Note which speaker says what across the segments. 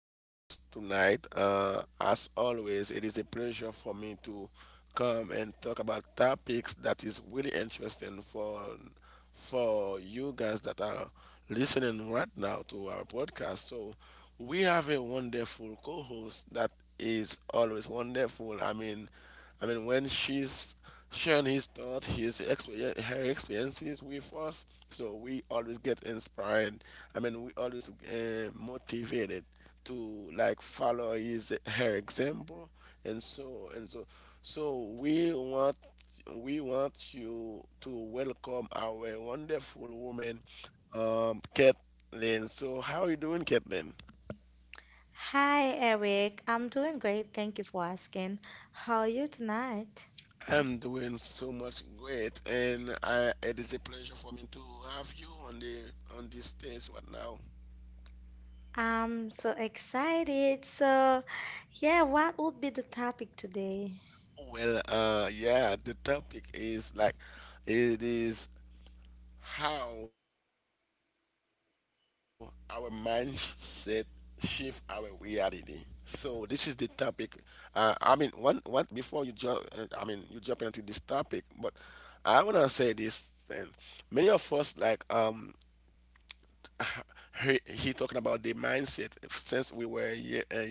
Speaker 1: podcast tonight. As always, it is a pleasure for me to come and talk about topics that is really interesting for you guys that are listening right now to our podcast. So we have a wonderful co-host that is always wonderful. I mean, when she's sharing his thoughts, her experiences with us. So we always get inspired. I mean, we always motivated to like follow his her example, and so and so. So we want you to welcome our wonderful woman, Kathleen. So how are you doing, Kathleen?
Speaker 2: Hi, Eric. I'm doing great. Thank you for asking. How are you tonight?
Speaker 1: I'm doing so much great, and it is a pleasure for me to have you on this stage right now.
Speaker 2: I'm so excited. So, yeah, what would be the topic today?
Speaker 1: Well, yeah, the topic is like it is how our mindset shift our reality. So this is the topic. I mean, one what before you jump, I mean, you jumping into this topic, but I wanna say this thing. Many of us like he talking about the mindset since we were young,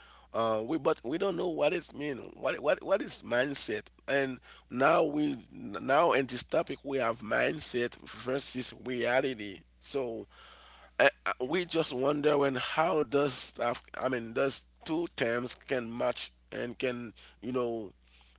Speaker 1: we but we don't know what it mean, what is mindset. And now we now in this topic we have mindset versus reality. So we just wonder, when how does stuff, I mean does two terms can match and can you know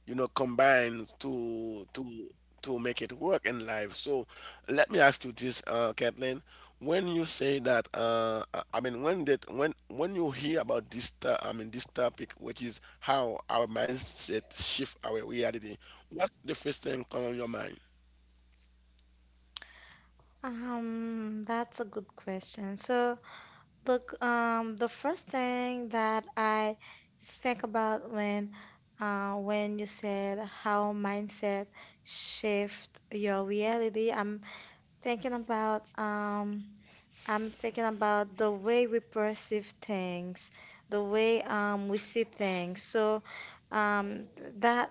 Speaker 1: combine to make it work in life. So let me ask you this, Kathleen. When you say that, I mean, when that when you hear about this, I mean, this topic, which is how our mindset shift our reality, what's the first thing come on your mind?
Speaker 2: That's a good question. So, look, the first thing that I think about when when you said how mindset shift your reality, I'm thinking about the way we perceive things, the way we see things. So um, that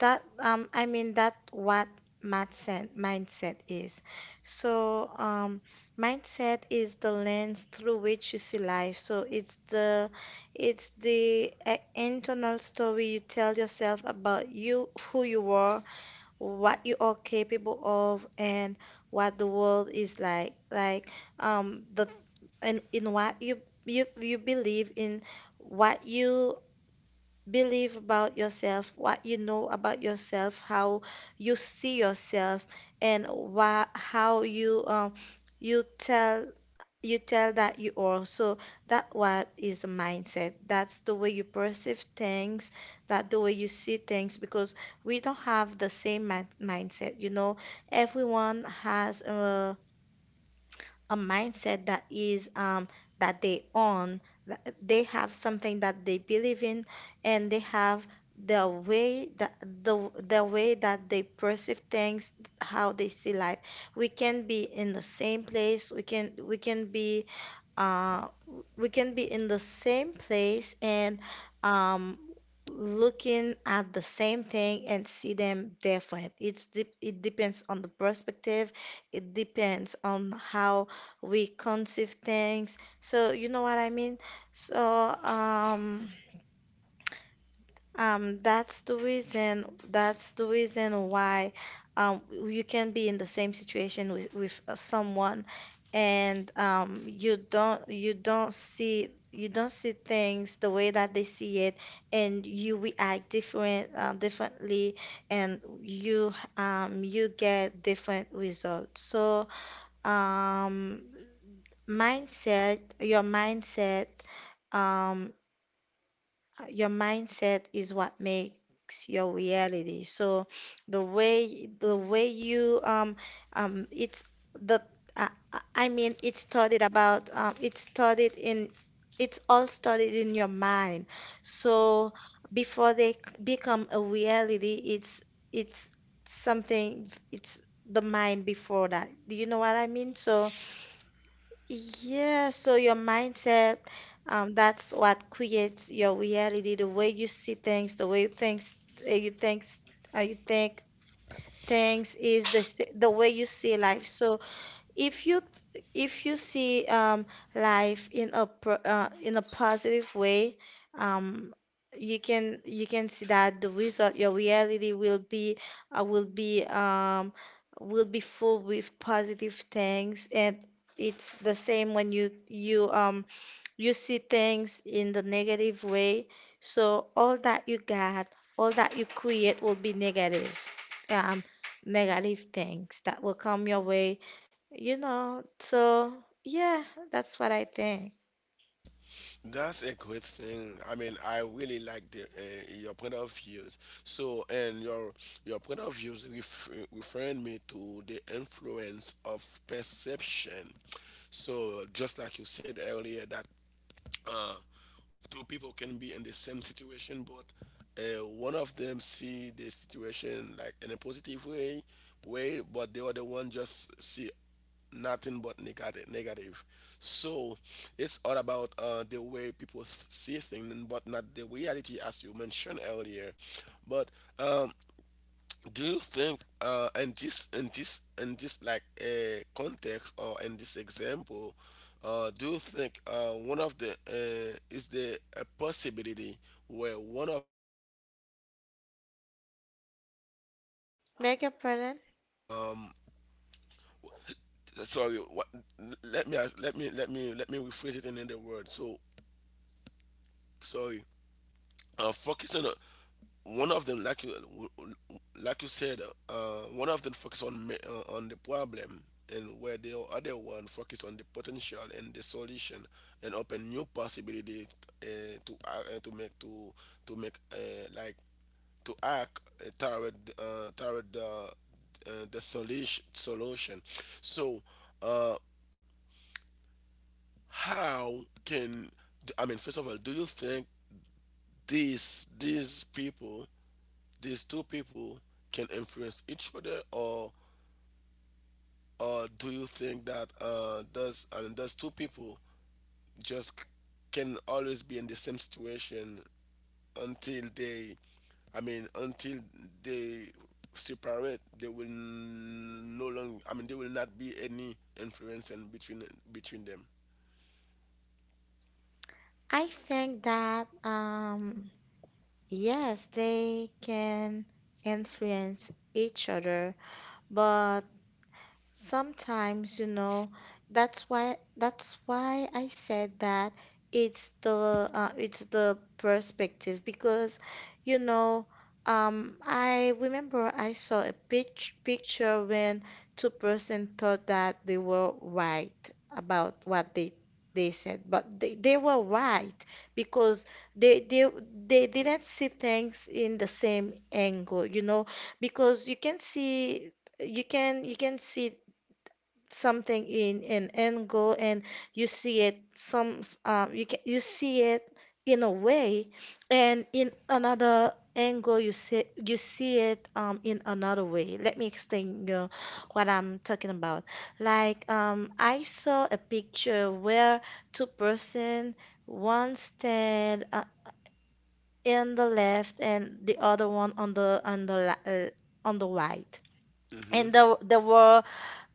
Speaker 2: that I mean that what mindset is. So mindset is the lens through which you see life. So it's the internal story you tell yourself about you, who you are, what you are capable of, and what the world is like the and in what you believe in, what you believe about yourself, what you know about yourself, how you see yourself, and how you tell you tell that you are. So that what is the mindset. That's the way you perceive things, that the way you see things, because we don't have the same mindset. You know, everyone has a mindset that is that they own, that they have something that they believe in, and they have the way that the way that they perceive things, how they see life. We can be in the same place. Uh, we can be in the same place and um, looking at the same thing and see them different. It depends on the perspective. It depends on how we conceive things. So you know what I mean? So um, that's the reason why you can be in the same situation with someone, and you don't see things the way that they see it, and you react differently, and you get different results. So um, your mindset. Um, your mindset is what makes your reality. So the way you, it's the, I mean it's studied about, it's studied in, it's all studied in your mind. So before they become a reality, it's something, it's the mind before that. Do you know what I mean? So yeah, so your mindset, that's what creates your reality, the way you see things, the way things, you think, uh, you think things is the way you see life. So if you if you see life in in a positive way, um, you can see that the result, your reality will be, uh, will be um, will be full with positive things, and it's the same when you see things in the negative way. So all that you got, all that you create will be negative. Um, Negative things that will come your way, you know. So yeah, that's what I think.
Speaker 1: That's a great thing. I mean, I really like the your point of views. So, and your point of views, referring me to the influence of perception. So, just like you said earlier, that uh, two people can be in the same situation, but one of them see the situation like in a positive way, but the other one just see nothing but negative. So it's all about the way people see things, and but not the reality, as you mentioned earlier. But um, do you think, in this like context, or in this example, do you think, one of the is there a possibility where one of those people can influence each other, because it's all about the
Speaker 2: Beg your
Speaker 1: perception? So
Speaker 2: pardon?
Speaker 1: um, sorry, let me ask, let me let me let me rephrase it in another word. So sorry, focus on, one of them, like you said, one of them focus on on the problem, and where the other one focus on the potential and the solution, and open new possibilities, uh, to act, to make, to make uh, like, to act, toward the solution. So uh how can, I mean, first of all, do you think these people, these two people can influence each other, or do you think that does, I mean, those two people just can always be in the same situation until they, I mean, until they separate, they will no longer, I mean, there will not be any influence in between between them.
Speaker 2: I think that yes, they can influence each other, but sometimes, you know, that's why I said that it's the perspective because, you know, I remember I saw a picture when two-person thought that they were right about what they said, but they were right because they they they didn't see things in the same angle, you know, because you can see something in an angle, and you see it you see it in a way, and in another angle you see it, in another way. Let me explain you what I'm talking about. Like I saw a picture where two person, one stand in the left and the other one on the on the right, and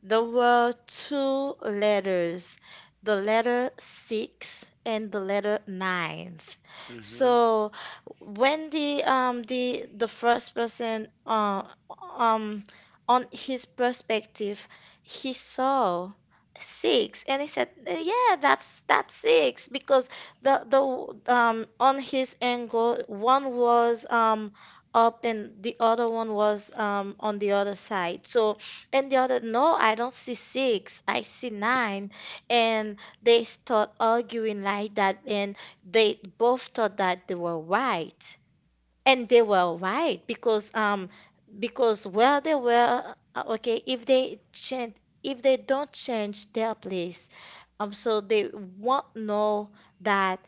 Speaker 2: there were two letters, the letter six and the letter ninth.
Speaker 1: Mhm.
Speaker 2: So when the first person, um on his perspective, he saw six and he said, "Yeah, that's six, because the on his angle one was up and the other one was on the other side. So, and the other, no, I don't see six, I see nine. And they start arguing like that, and they both thought that they were right. And they were right because where they were, okay, if they don't change their place, so they won't know that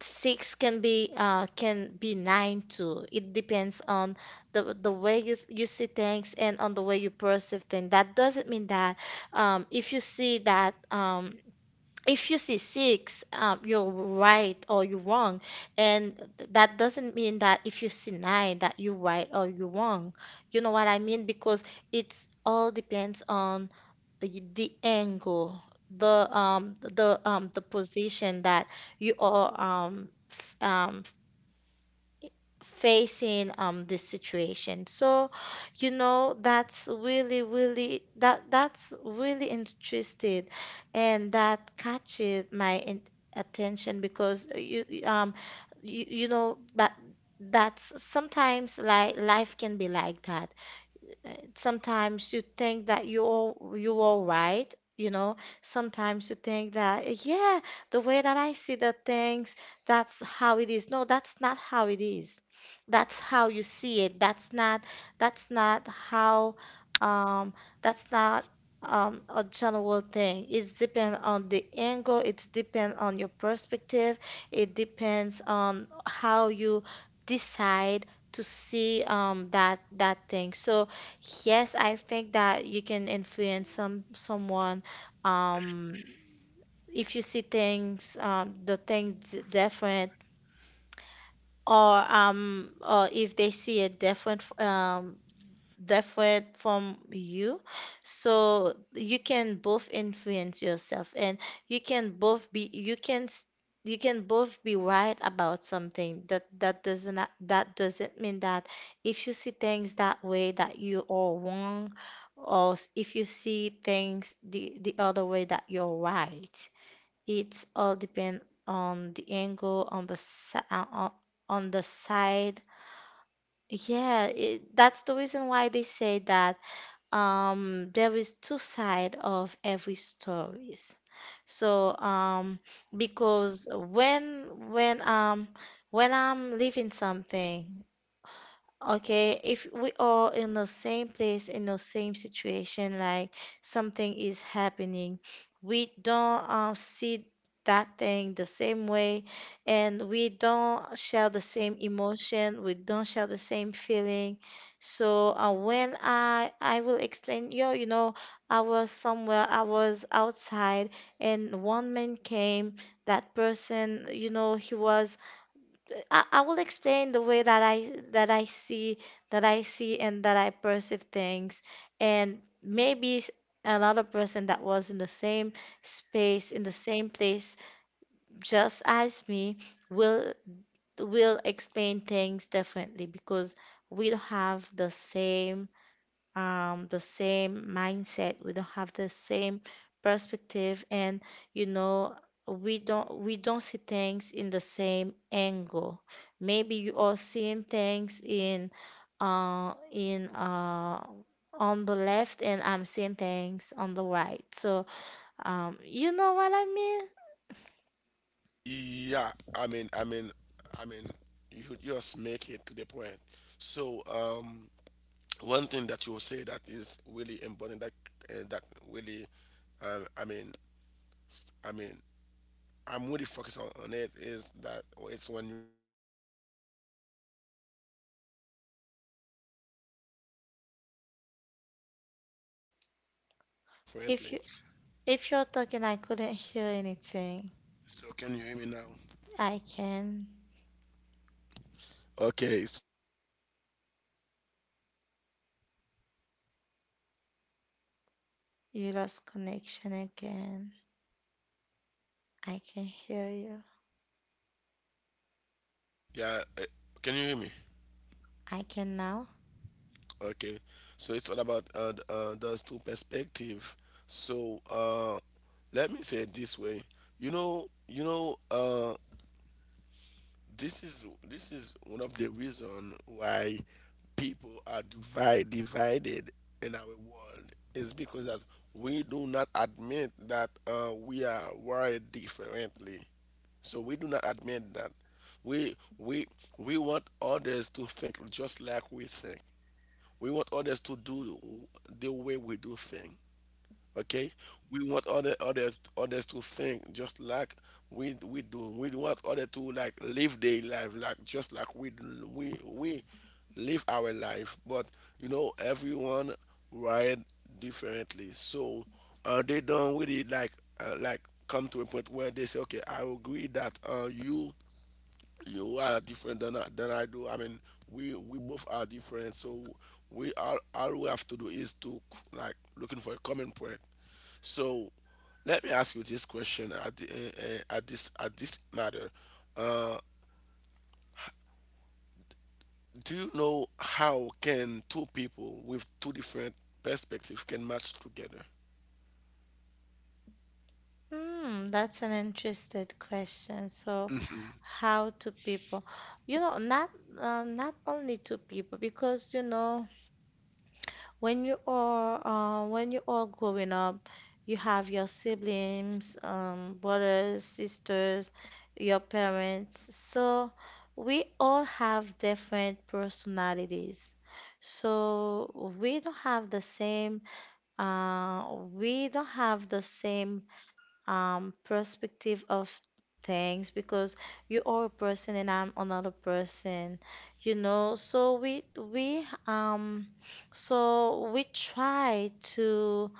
Speaker 2: six can be, can be nine too. It depends on the way you see things, and on the way you perceive things. That doesn't mean that um if you see that um if you see six, you're right or you're wrong, and that doesn't mean that if you see nine that you're right or you're wrong. You know what I mean? Because it's all depends on the angle, the position that you are, facing this situation. So, you know, that's really interested, and that catches my in attention because you know, but that's sometimes like life can be like that. Sometimes you think that you're right, you know. Sometimes you think that, yeah, the way that I see the things, that's how it is. No, that's not how it is. That's how you see it. That's not how um that's not a general thing. It's depend on the angle, it's depend on your perspective, it depends on how you decide to see that thing. So yes, I think that you can influence someone, um if you see things, the things different, or if they see a different, different from you. So you can both influence yourself, and you can both be you can s- you can both be right about something, that that doesn't mean that if you see things that way that you are wrong, if you see things the other way that you're right. It all depend on the angle, on on the side, yeah, that's the reason why they say that, there is two side of every stories. So because when I'm leaving something, okay, if we all in the same place, in the same situation, like something is happening, we don't, see that thing the same way, and we don't share the same emotion, we don't share the same feeling. So when I will explain, yo, you know, I was somewhere, I was outside, and one man came. That person, you know, he was — I will explain the way that I see, and that I perceive things, and another person that was in the same space, in the same place, just as me, will explain things differently, because we don't have the same, the same mindset. We don't have the same perspective, and you know, we don't see things in the same angle. Maybe you are seeing things in on the left, and I'm seeing things on the right. So, you know what I mean?
Speaker 1: Yeah, I mean, you just make it to the point. So, one thing that you say that is really important, that really, I mean, I mean, I'm really focused on it, is that it's when you talk about the example where people two people can s- can stand oppositely, then see two things
Speaker 2: If
Speaker 1: differently.
Speaker 2: you if you're talking, I couldn't hear anything.
Speaker 1: So, can you hear me now?
Speaker 2: I can.
Speaker 1: Okay, so it's all about uh those two perspective.
Speaker 2: You lost connection again. I can hear you.
Speaker 1: Yeah. Can you hear me?
Speaker 2: I can now.
Speaker 1: Okay. So it's all about those two perspective. So let me say it this way. You know, you know, uh, this is one of the reason why people are divided in our world, is because that we do not admit that we are wired differently. So we do not admit that. We we we want others to think just like we think. We want others to do the way we do things. Okay, we want others to think just like we do. We want others to like live their life like just like we live our life. But everyone ride differently. So they don't really like, like come to a point where they say, okay, I agree that, you are different than I do. I mean, we both are different, so we are all we have to do is to like looking for a common point. So, let me ask you this question at this matter. Uh, do you know how can two people with two different perspectives can match together?
Speaker 2: Hmm, that's an interesting question. So,
Speaker 1: Mhm.
Speaker 2: how to people? You know, not only to people, because you know when you are growing up, you have your siblings, brothers, sisters, your parents. So we all have different personalities. So uh, we don't have the same, perspective of things, because you are a person and I'm another person, you know. So we so we try to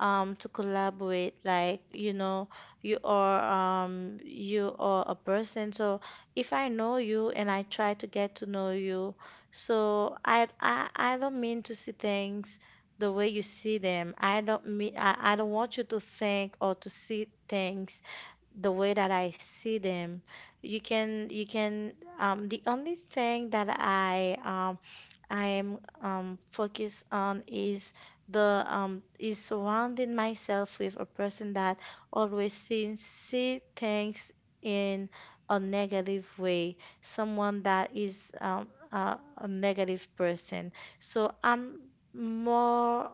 Speaker 2: um to collaborate. Like, you know, you are, you are a person. So if I know you and I try to get to know you, so I don't mean to see things the way you see them. I don't mean — I don't want you to think or to see things the way that I see them. You can The only thing that I am, focused on, is the, is surrounding myself with a person that always see things in a negative way, someone that is, a negative person. So I'm more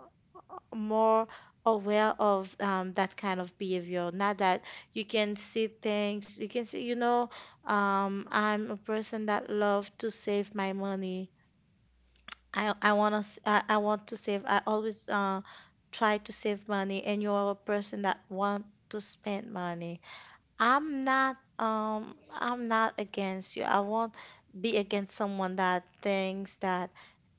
Speaker 2: more aware of, that kind of behavior. Not that you can see things, you can see, you know, I'm a person that love to save my money. I want to save. I always try to save money, and you're a person that want to spend money. I'm not against you. I won't be against someone that thinks that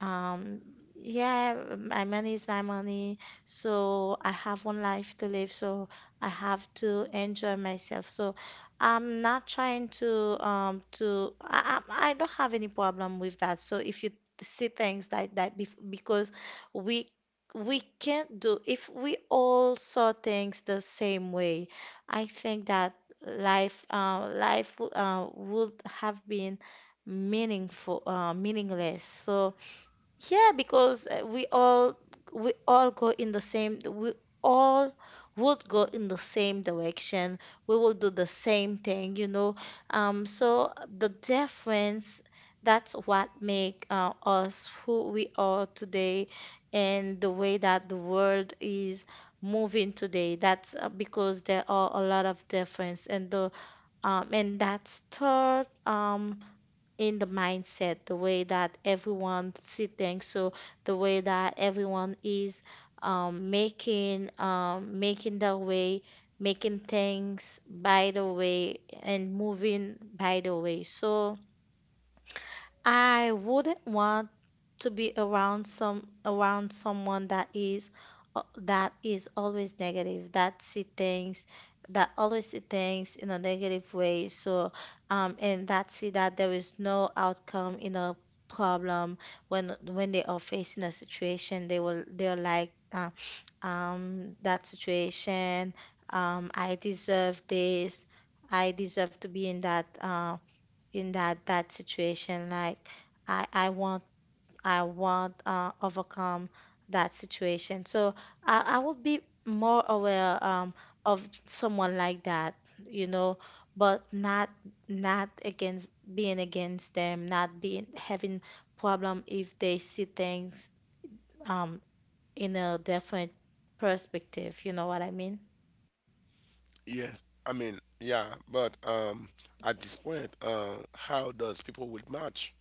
Speaker 2: um yeah, my money is my money, so I have one life to live, so I have to enjoy myself. So I'm not trying to I don't have any problem with that. So if you see things like that bef because we we can't do if we all saw things the same way, I think that life would have been meaningful meaningless, so yeah, because we all go in the same we all would go in the same direction. We will do the same thing, so the difference, that's what make us who we are today. And the way that the world is moving today, that's because there are a lot of difference, and the and that start in the mindset, the way that everyone see things. So the way that everyone is making their way, making things by the way, and moving by the way. So I wouldn't want to be around someone that is always negative, that see things, that always see things in a negative way. So and that see that there is no outcome in a problem. When they are facing a situation, they will they're like that situation, um, I deserve this, I deserve to be in that bad situation. Like I, I want, I want overcome that situation. So I would be more aware of someone like that, you know, but not against, being against them, not being having problem if they see things um, in a different perspective. You know what I mean?
Speaker 1: Yes, I mean, yeah, but at this point, how does people will match?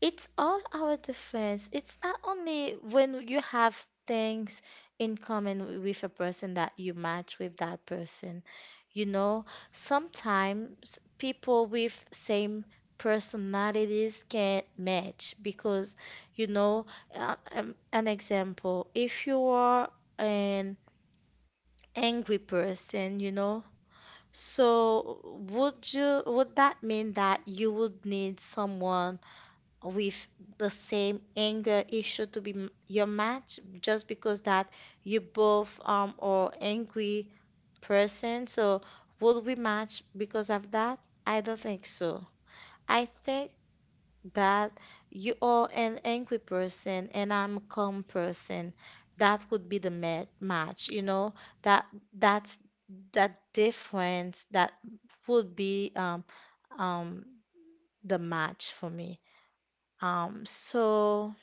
Speaker 2: It's all our defense. It's not only when you have things in common with a person that you match with that person. You know, sometimes people with same personalities can't match because, you know, an example, if you are an angry person, you know, so would that mean that you would need someone with the same anger issue to be your match just because that you both are angry person. So would we match because of that? I don't think so. I think that you are an angry person and I'm a calm person. That would be the match, you know? That that's that difference that would be um the match for me. So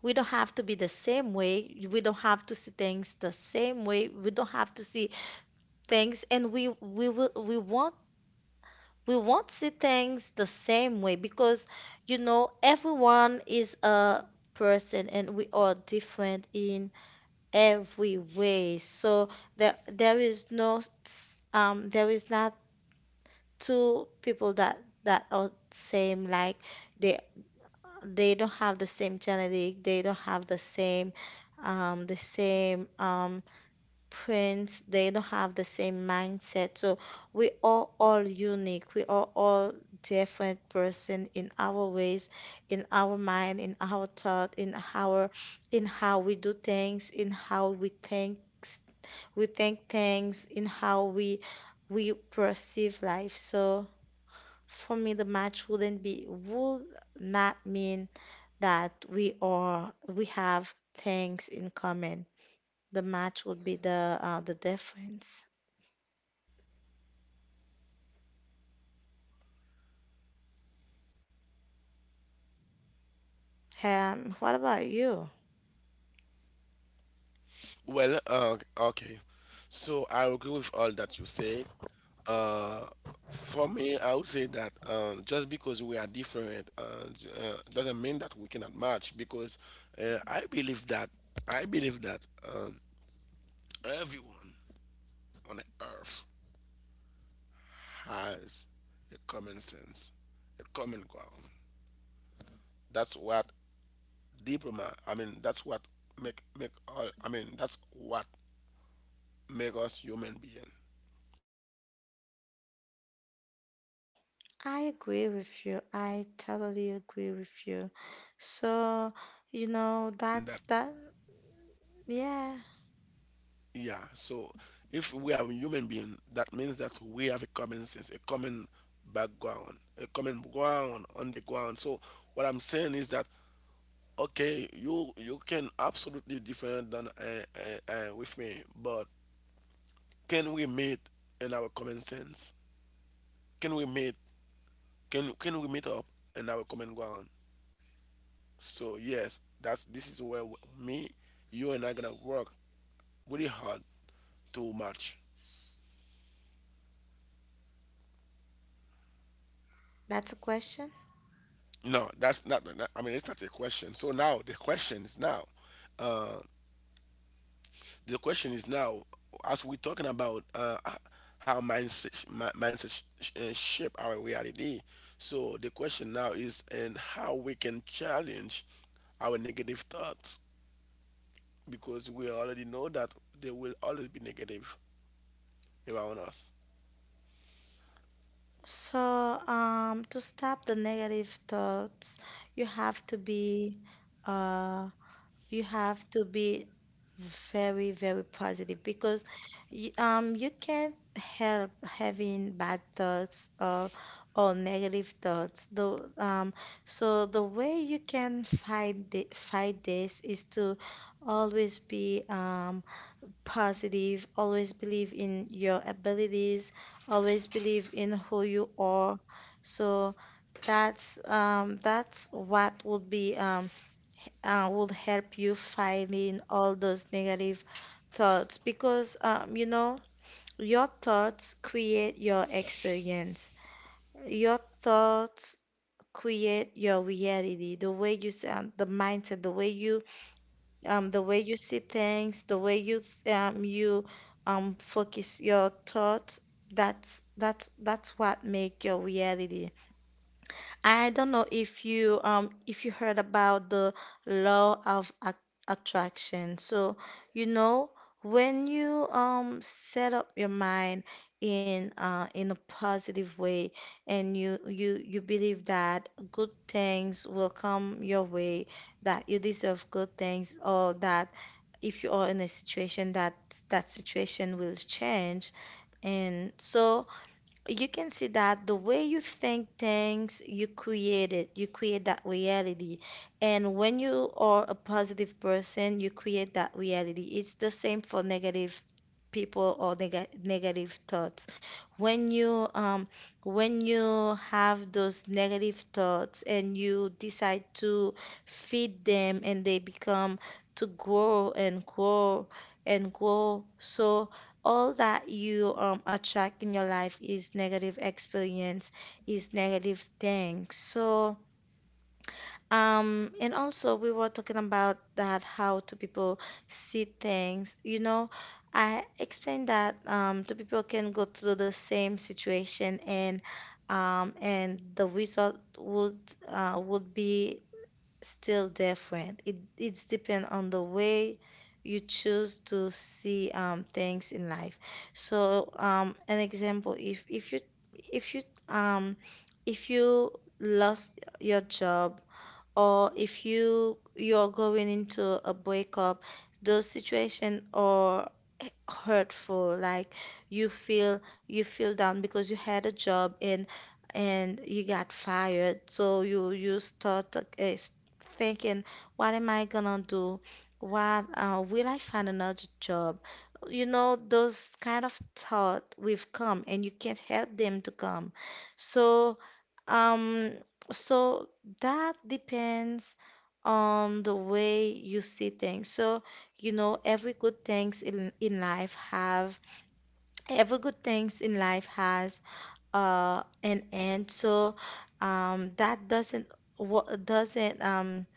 Speaker 2: we don't have to be the same way. We don't have to see things the same way. We don't have to see things, and we won't see things the same way because, you know, everyone is a person and we are different in every way. So there is not two people that are same. Like they they don't have the same genetic, they don't have the same prints, they don't have the same mindset. So we are all unique. We are all different person in our ways, in our mind, in our thought, in our in how we do things, in how we think things, in how we perceive life. So for me, the match wouldn't be would not mean that we have things in common. The match would be the difference. What about you?
Speaker 1: Well, okay. So I agree with all that you said. Uh, for me, I would say that just because we are different, doesn't mean that we cannot match. Because I believe that, I believe that um, everyone on earth has a common sense, a common ground. That's what diploma. I mean, that's what make all. I mean, that's what make us human being. Because if
Speaker 2: I
Speaker 1: so-
Speaker 2: agree with you.
Speaker 1: if
Speaker 2: I totally agree with you.
Speaker 1: we are human
Speaker 2: So,
Speaker 1: being,
Speaker 2: you
Speaker 1: is
Speaker 2: know,
Speaker 1: that mean
Speaker 2: that's
Speaker 1: that,
Speaker 2: that. Yeah,
Speaker 1: yeah, so if we are human being, that means that we have a common sense, a common background, a common ground on the ground. So what I'm saying is that, okay, you can absolutely different than, with me, but can we meet in our common sense, can we meet can we meet up in our common ground. So yes, that's this is where me, you and I gonna work really hard too much.
Speaker 2: that's a question.
Speaker 1: No, that's not. I mean, it's not a question. So now the question is now, uh, the question is now, as we're talking about, how mindset shape our reality. So the question now is, and how we can challenge our negative thoughts, because we already know that there will always be negative around us.
Speaker 2: So, to stop the negative thoughts, you have to be uh You have to be very, very positive because you can't help having bad thoughts or negative thoughts. Though So the way you can fight fight this is to always be positive, always believe in your abilities, always believe in who you are. So that's what would be will help you find in all those negative thoughts because, you know, your thoughts create your experience. Your thoughts create your reality. The way the mindset, the way you see things, the way you focus your thoughts. That's what make your reality. I don't know if you heard about the law of attraction. So, you know, when you set up your mind in a positive way and you believe that good things will come your way, that you deserve good things, or that if you are in a situation, that that situation will change. And so you can see that the way you think things, you create it, you create that reality. And when you are a positive person, you create that reality. It's the same for negative people or negative thoughts. When you um when you have those negative thoughts and you decide to feed them, and they become to grow and grow and grow. So all that you, attract in your life is negative experience, is negative things. So, and also we were talking about that, how to people see things. You know, I explained that, two people can go through the same situation and, and the result would be still different. It's depend on the way you choose to see, things in life. So, an example, if you um if you lost your job or if you're going into a breakup, those situations are hurtful. Like you feel, you feel down because you had a job and you got fired, so you start thinking, what am I gonna do? What will I find another job? You know, those kind of thought will come, and you can't help them to come. So, um, so that depends on the way you see things. So, you know, every good things in life has an end. So, that doesn't what doesn't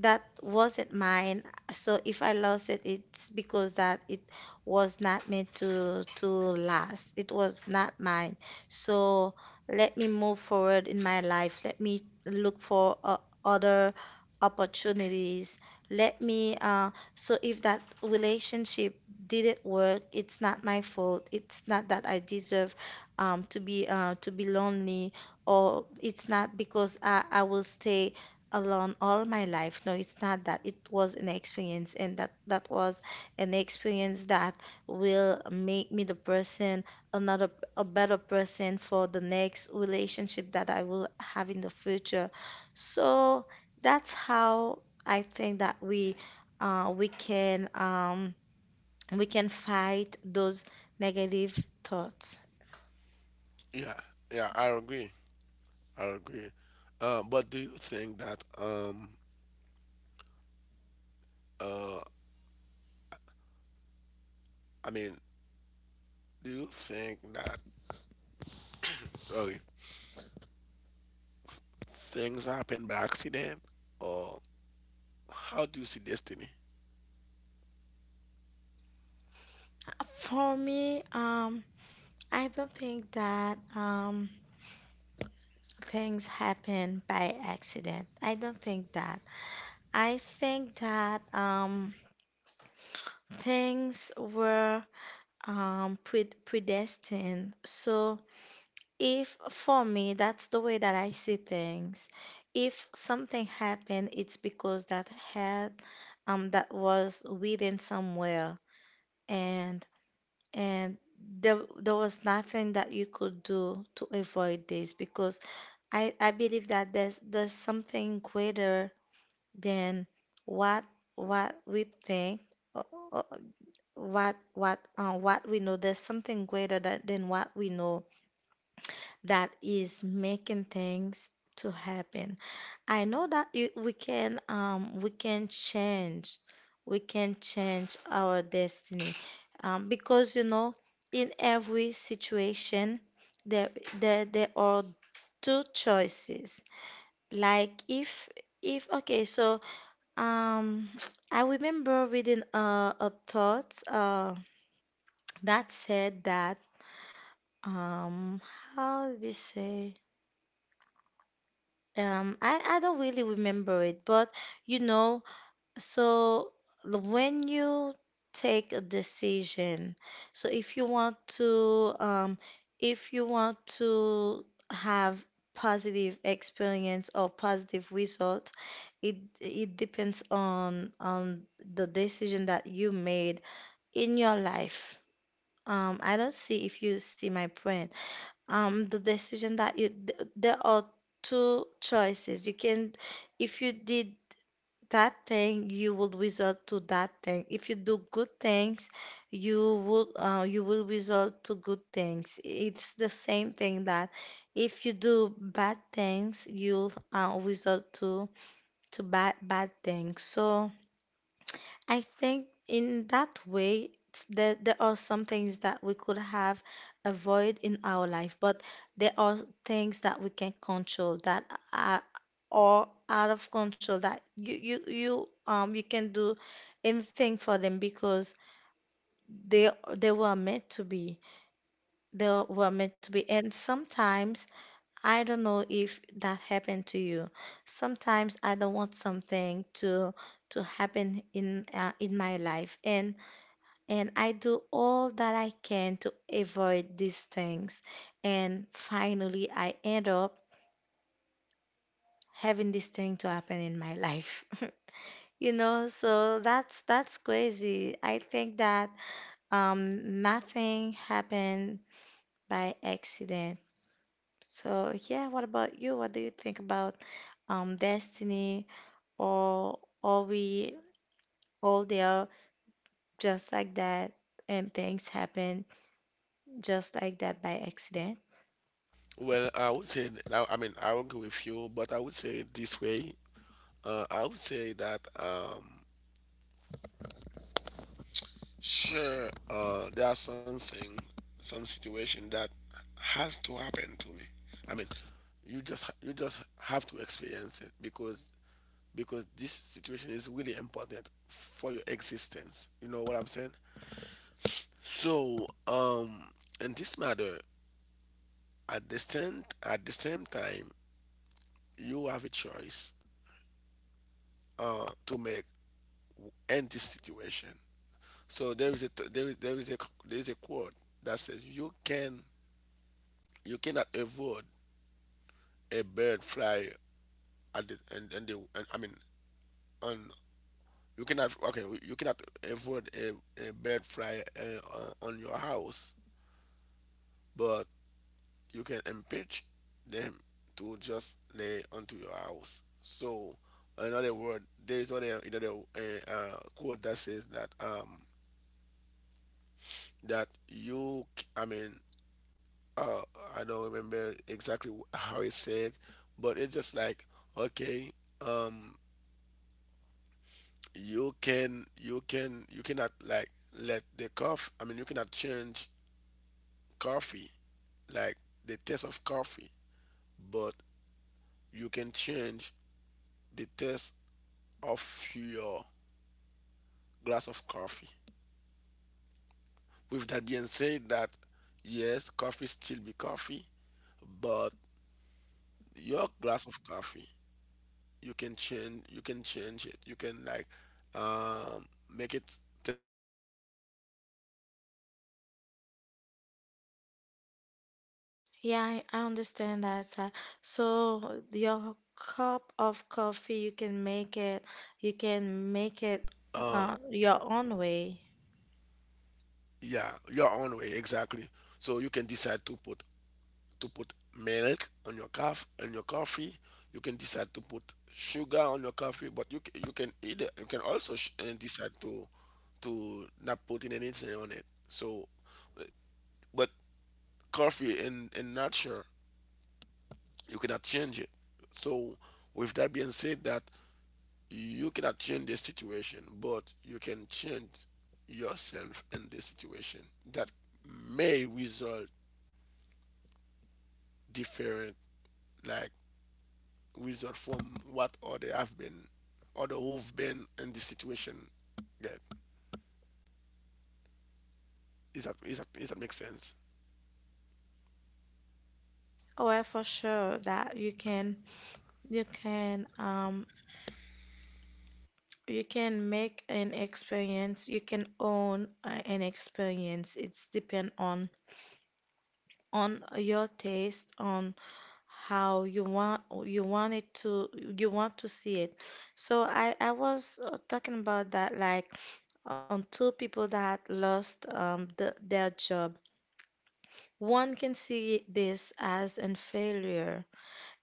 Speaker 2: that wasn't mine. So if I lost it, it's because that it was not meant to last. It was not mine. So let me move forward in my life. Let me look for other opportunities. Let me so If that relationship didn't work, it's not my fault. It's not that I deserve, to be lonely, or it's not because I will stay alone all my life. No, it's not that. It was an experience, and that was an experience that will make me the person, another a better person for the next relationship that I will have in the future. So that's how I think that we can, we can fight those negative thoughts.
Speaker 1: Yeah, yeah, I agree. I agree. But do you think that, uh I mean, do you think that, sorry, things happen by accident, or how do you see destiny?
Speaker 2: For me, I don't think that, things happen by accident. I don't think that. I think that, things were, predestined. So if for me, that's the way that I see things. If something happened, it's because that had that was within somewhere, and and there was nothing that you could do to avoid this because I believe that there's something greater then what what we think, uh, uh, what we know. There's something greater that, than what we know, that is making things to happen. I know that we can, um, we can change our destiny, because, you know, in every situation there there are two choices. Like if okay so, um, I remember reading a thought, that said that, um, how did it say? I don't really remember it, but, you know, so when you take a decision, so if you want to, if you want to have positive experience or positive result, it depends on the decision that you made in your life. Um, I don't see if you see my point. The decision that you, th- there are two choices. You can, if you did that thing, you will result to that thing. If you do good things, you will result to good things. It's the same thing that if you do bad things, you'll result to bad bad things. So I think in that way, there, there are some things that we could have avoid in our life, but there are things that we can control that are, are out of control, that you, you can do anything for them because they were meant to be. They were meant to be. And sometimes, I don't know if that happened to you. Sometimes I don't want something to happen in my life. And I do all that I can to avoid these things. And finally, I end up having this thing to happen in my life. So that's crazy. I think that nothing happened by accident. So yeah, what about you? What do you think about destiny, or are we all there just like that and things happen just like that by accident?
Speaker 1: Well, I would say, I mean, I agree with you, but I would say it this way. I would say that, sure, there are some situation that has to happen to me. I mean, you just have to experience it, because this situation is really important for your existence. You know what I'm saying? So, in this matter, at the same time, you have a choice, to make in this situation. So there is a t- there is a c- there is a quote that says you can, you cannot avoid a bird fly at the, and the, and, I mean, on, you cannot, okay, you cannot avoid a bird fly, on your house, but you can impeach them to just lay onto your house. So, another word, there is other another quote that says that, that you, I mean, uh, I don't remember exactly how it said, but it's just like, okay, um, you cannot like let the coffee. I mean, you cannot change coffee, like the taste of coffee, but you can change the taste of your glass of coffee. With that being said, that yes, coffee still be coffee, but your glass of coffee, you can change. You can change it. You can like um, make it taste like um, sweet or whatever. You know what I'm saying? But
Speaker 2: Yeah, I
Speaker 1: you can
Speaker 2: understand
Speaker 1: like
Speaker 2: that, sir.
Speaker 1: make some change on
Speaker 2: So
Speaker 1: it.
Speaker 2: your
Speaker 1: So
Speaker 2: cup of coffee, you can make it,
Speaker 1: with that
Speaker 2: you
Speaker 1: being said,
Speaker 2: can make
Speaker 1: that
Speaker 2: it
Speaker 1: uh
Speaker 2: your own way.
Speaker 1: yeah, your own way exactly. So you can decide to put milk on your coffee. You can decide to put sugar on your coffee, but you can also decide to not putting anything on it. So, uh, but coffee in nature you cannot change it. So, with that being said, that you cannot change the situation, but you can change yourself in the situation that may result different, like result from what other who've been in this situation get. Is that make sense?
Speaker 2: Oh, well, for sure that you can, you can, you can make an experience. You can own an experience. It's depend on your taste, on how you want it to you want to see it. So I was talking about that like, two people that lost their job. One can see this as a failure,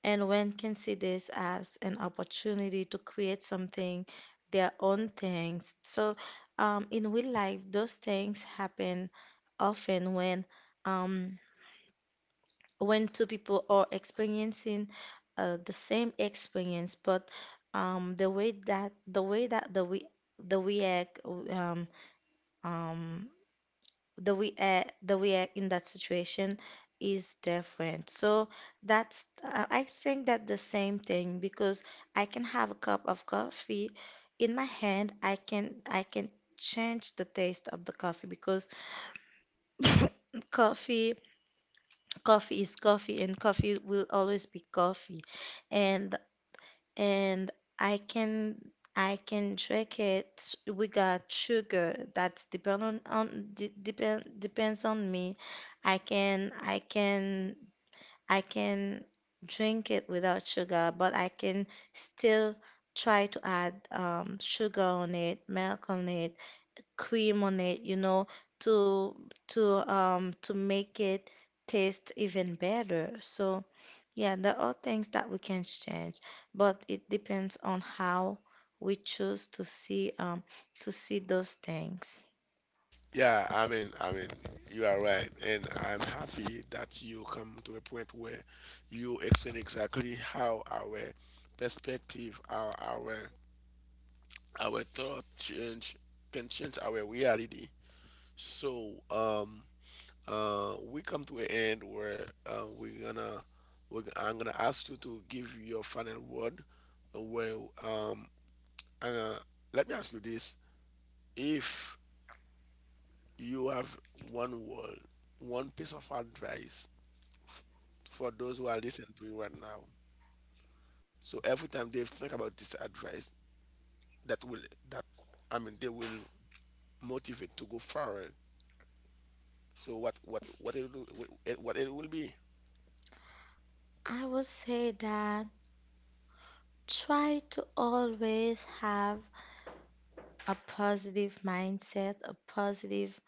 Speaker 2: and one can see this as an opportunity to create something, their own things. So, in real life, those things happen often when, um, when two people are experiencing the same experience, but um, the way that the way that the we the react um, the way in that situation is different. So that's I think that the same thing, because I can have a cup of coffee in my hand. I can change the taste of the coffee because coffee coffee is coffee and coffee will always be coffee. And and I can I can drink it. We got sugar. That's depend on de depend depends on me. I can I can I can drink it without sugar, but I can still try to add sugar on it, milk on it, cream on it, you know, to to make it taste even better. So yeah, there are things that we can change, but it depends on how we choose to see, to see those things.
Speaker 1: Yeah, I mean, you are right, and I'm happy that you come to a point where you explain exactly how our perspective, our thought change can change our reality. So, we come to an end where we're gonna we're, g- I'm gonna ask you to give your final word. Where um, uh, let me ask you this: if you have one word, one piece of advice, f- for those who are listening to you right now, so every time they think about this advice, that will, that I mean, they will motivate to go forward. So what it will be?
Speaker 2: I would say that try to always have a positive mindset, a positive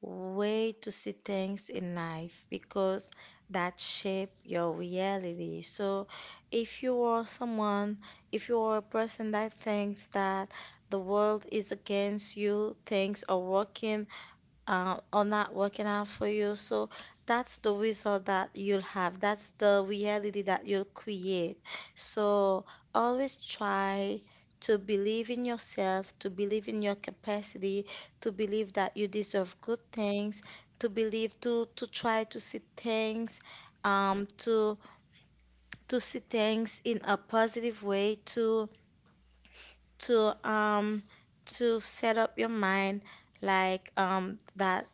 Speaker 2: way to see things in life because that shape your reality. So if you are someone, if you are a person that thinks that the world is against you, things are working or not working out for you. So that's the result that you'll have. That's the reality that you'll create. So always try to believe in yourself, to believe in your capacity, to believe that you deserve good things, to believe to try um, to to see things in a positive way, to to um to set up your mind like that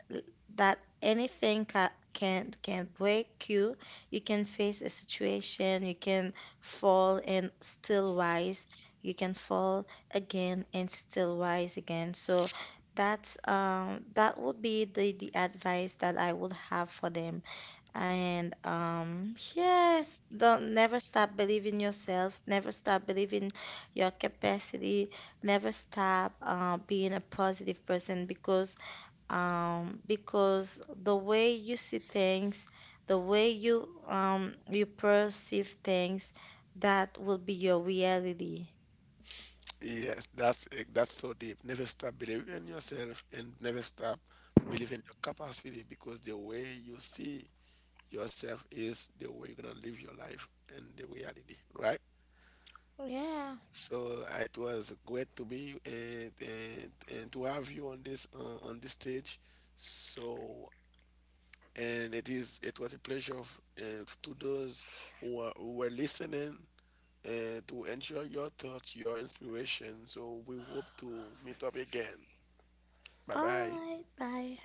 Speaker 2: anything ca can break you. You can face a situation, you can fall and still rise. You can fall again and still rise again. So that's that would be the advice that I would have for them and, yes, don't never stop believing yourself, never stop believing your capacity, never stop being a positive person because, because the way you see things, the way you, you perceive things, that will be your reality.
Speaker 1: Yes, that's it. That's so deep. Never stop believing in yourself, and never stop believing in your capacity, because the way you see yourself is the way you're gonna live your life and the reality, right? S-
Speaker 2: Yeah.
Speaker 1: So uh, it was great to be, and to have you on this stage. So, and it was a pleasure, to those who were listening, and to enjoy your thoughts, your inspiration. So we hope to meet up again. Bye
Speaker 2: All
Speaker 1: bye.
Speaker 2: right. Bye.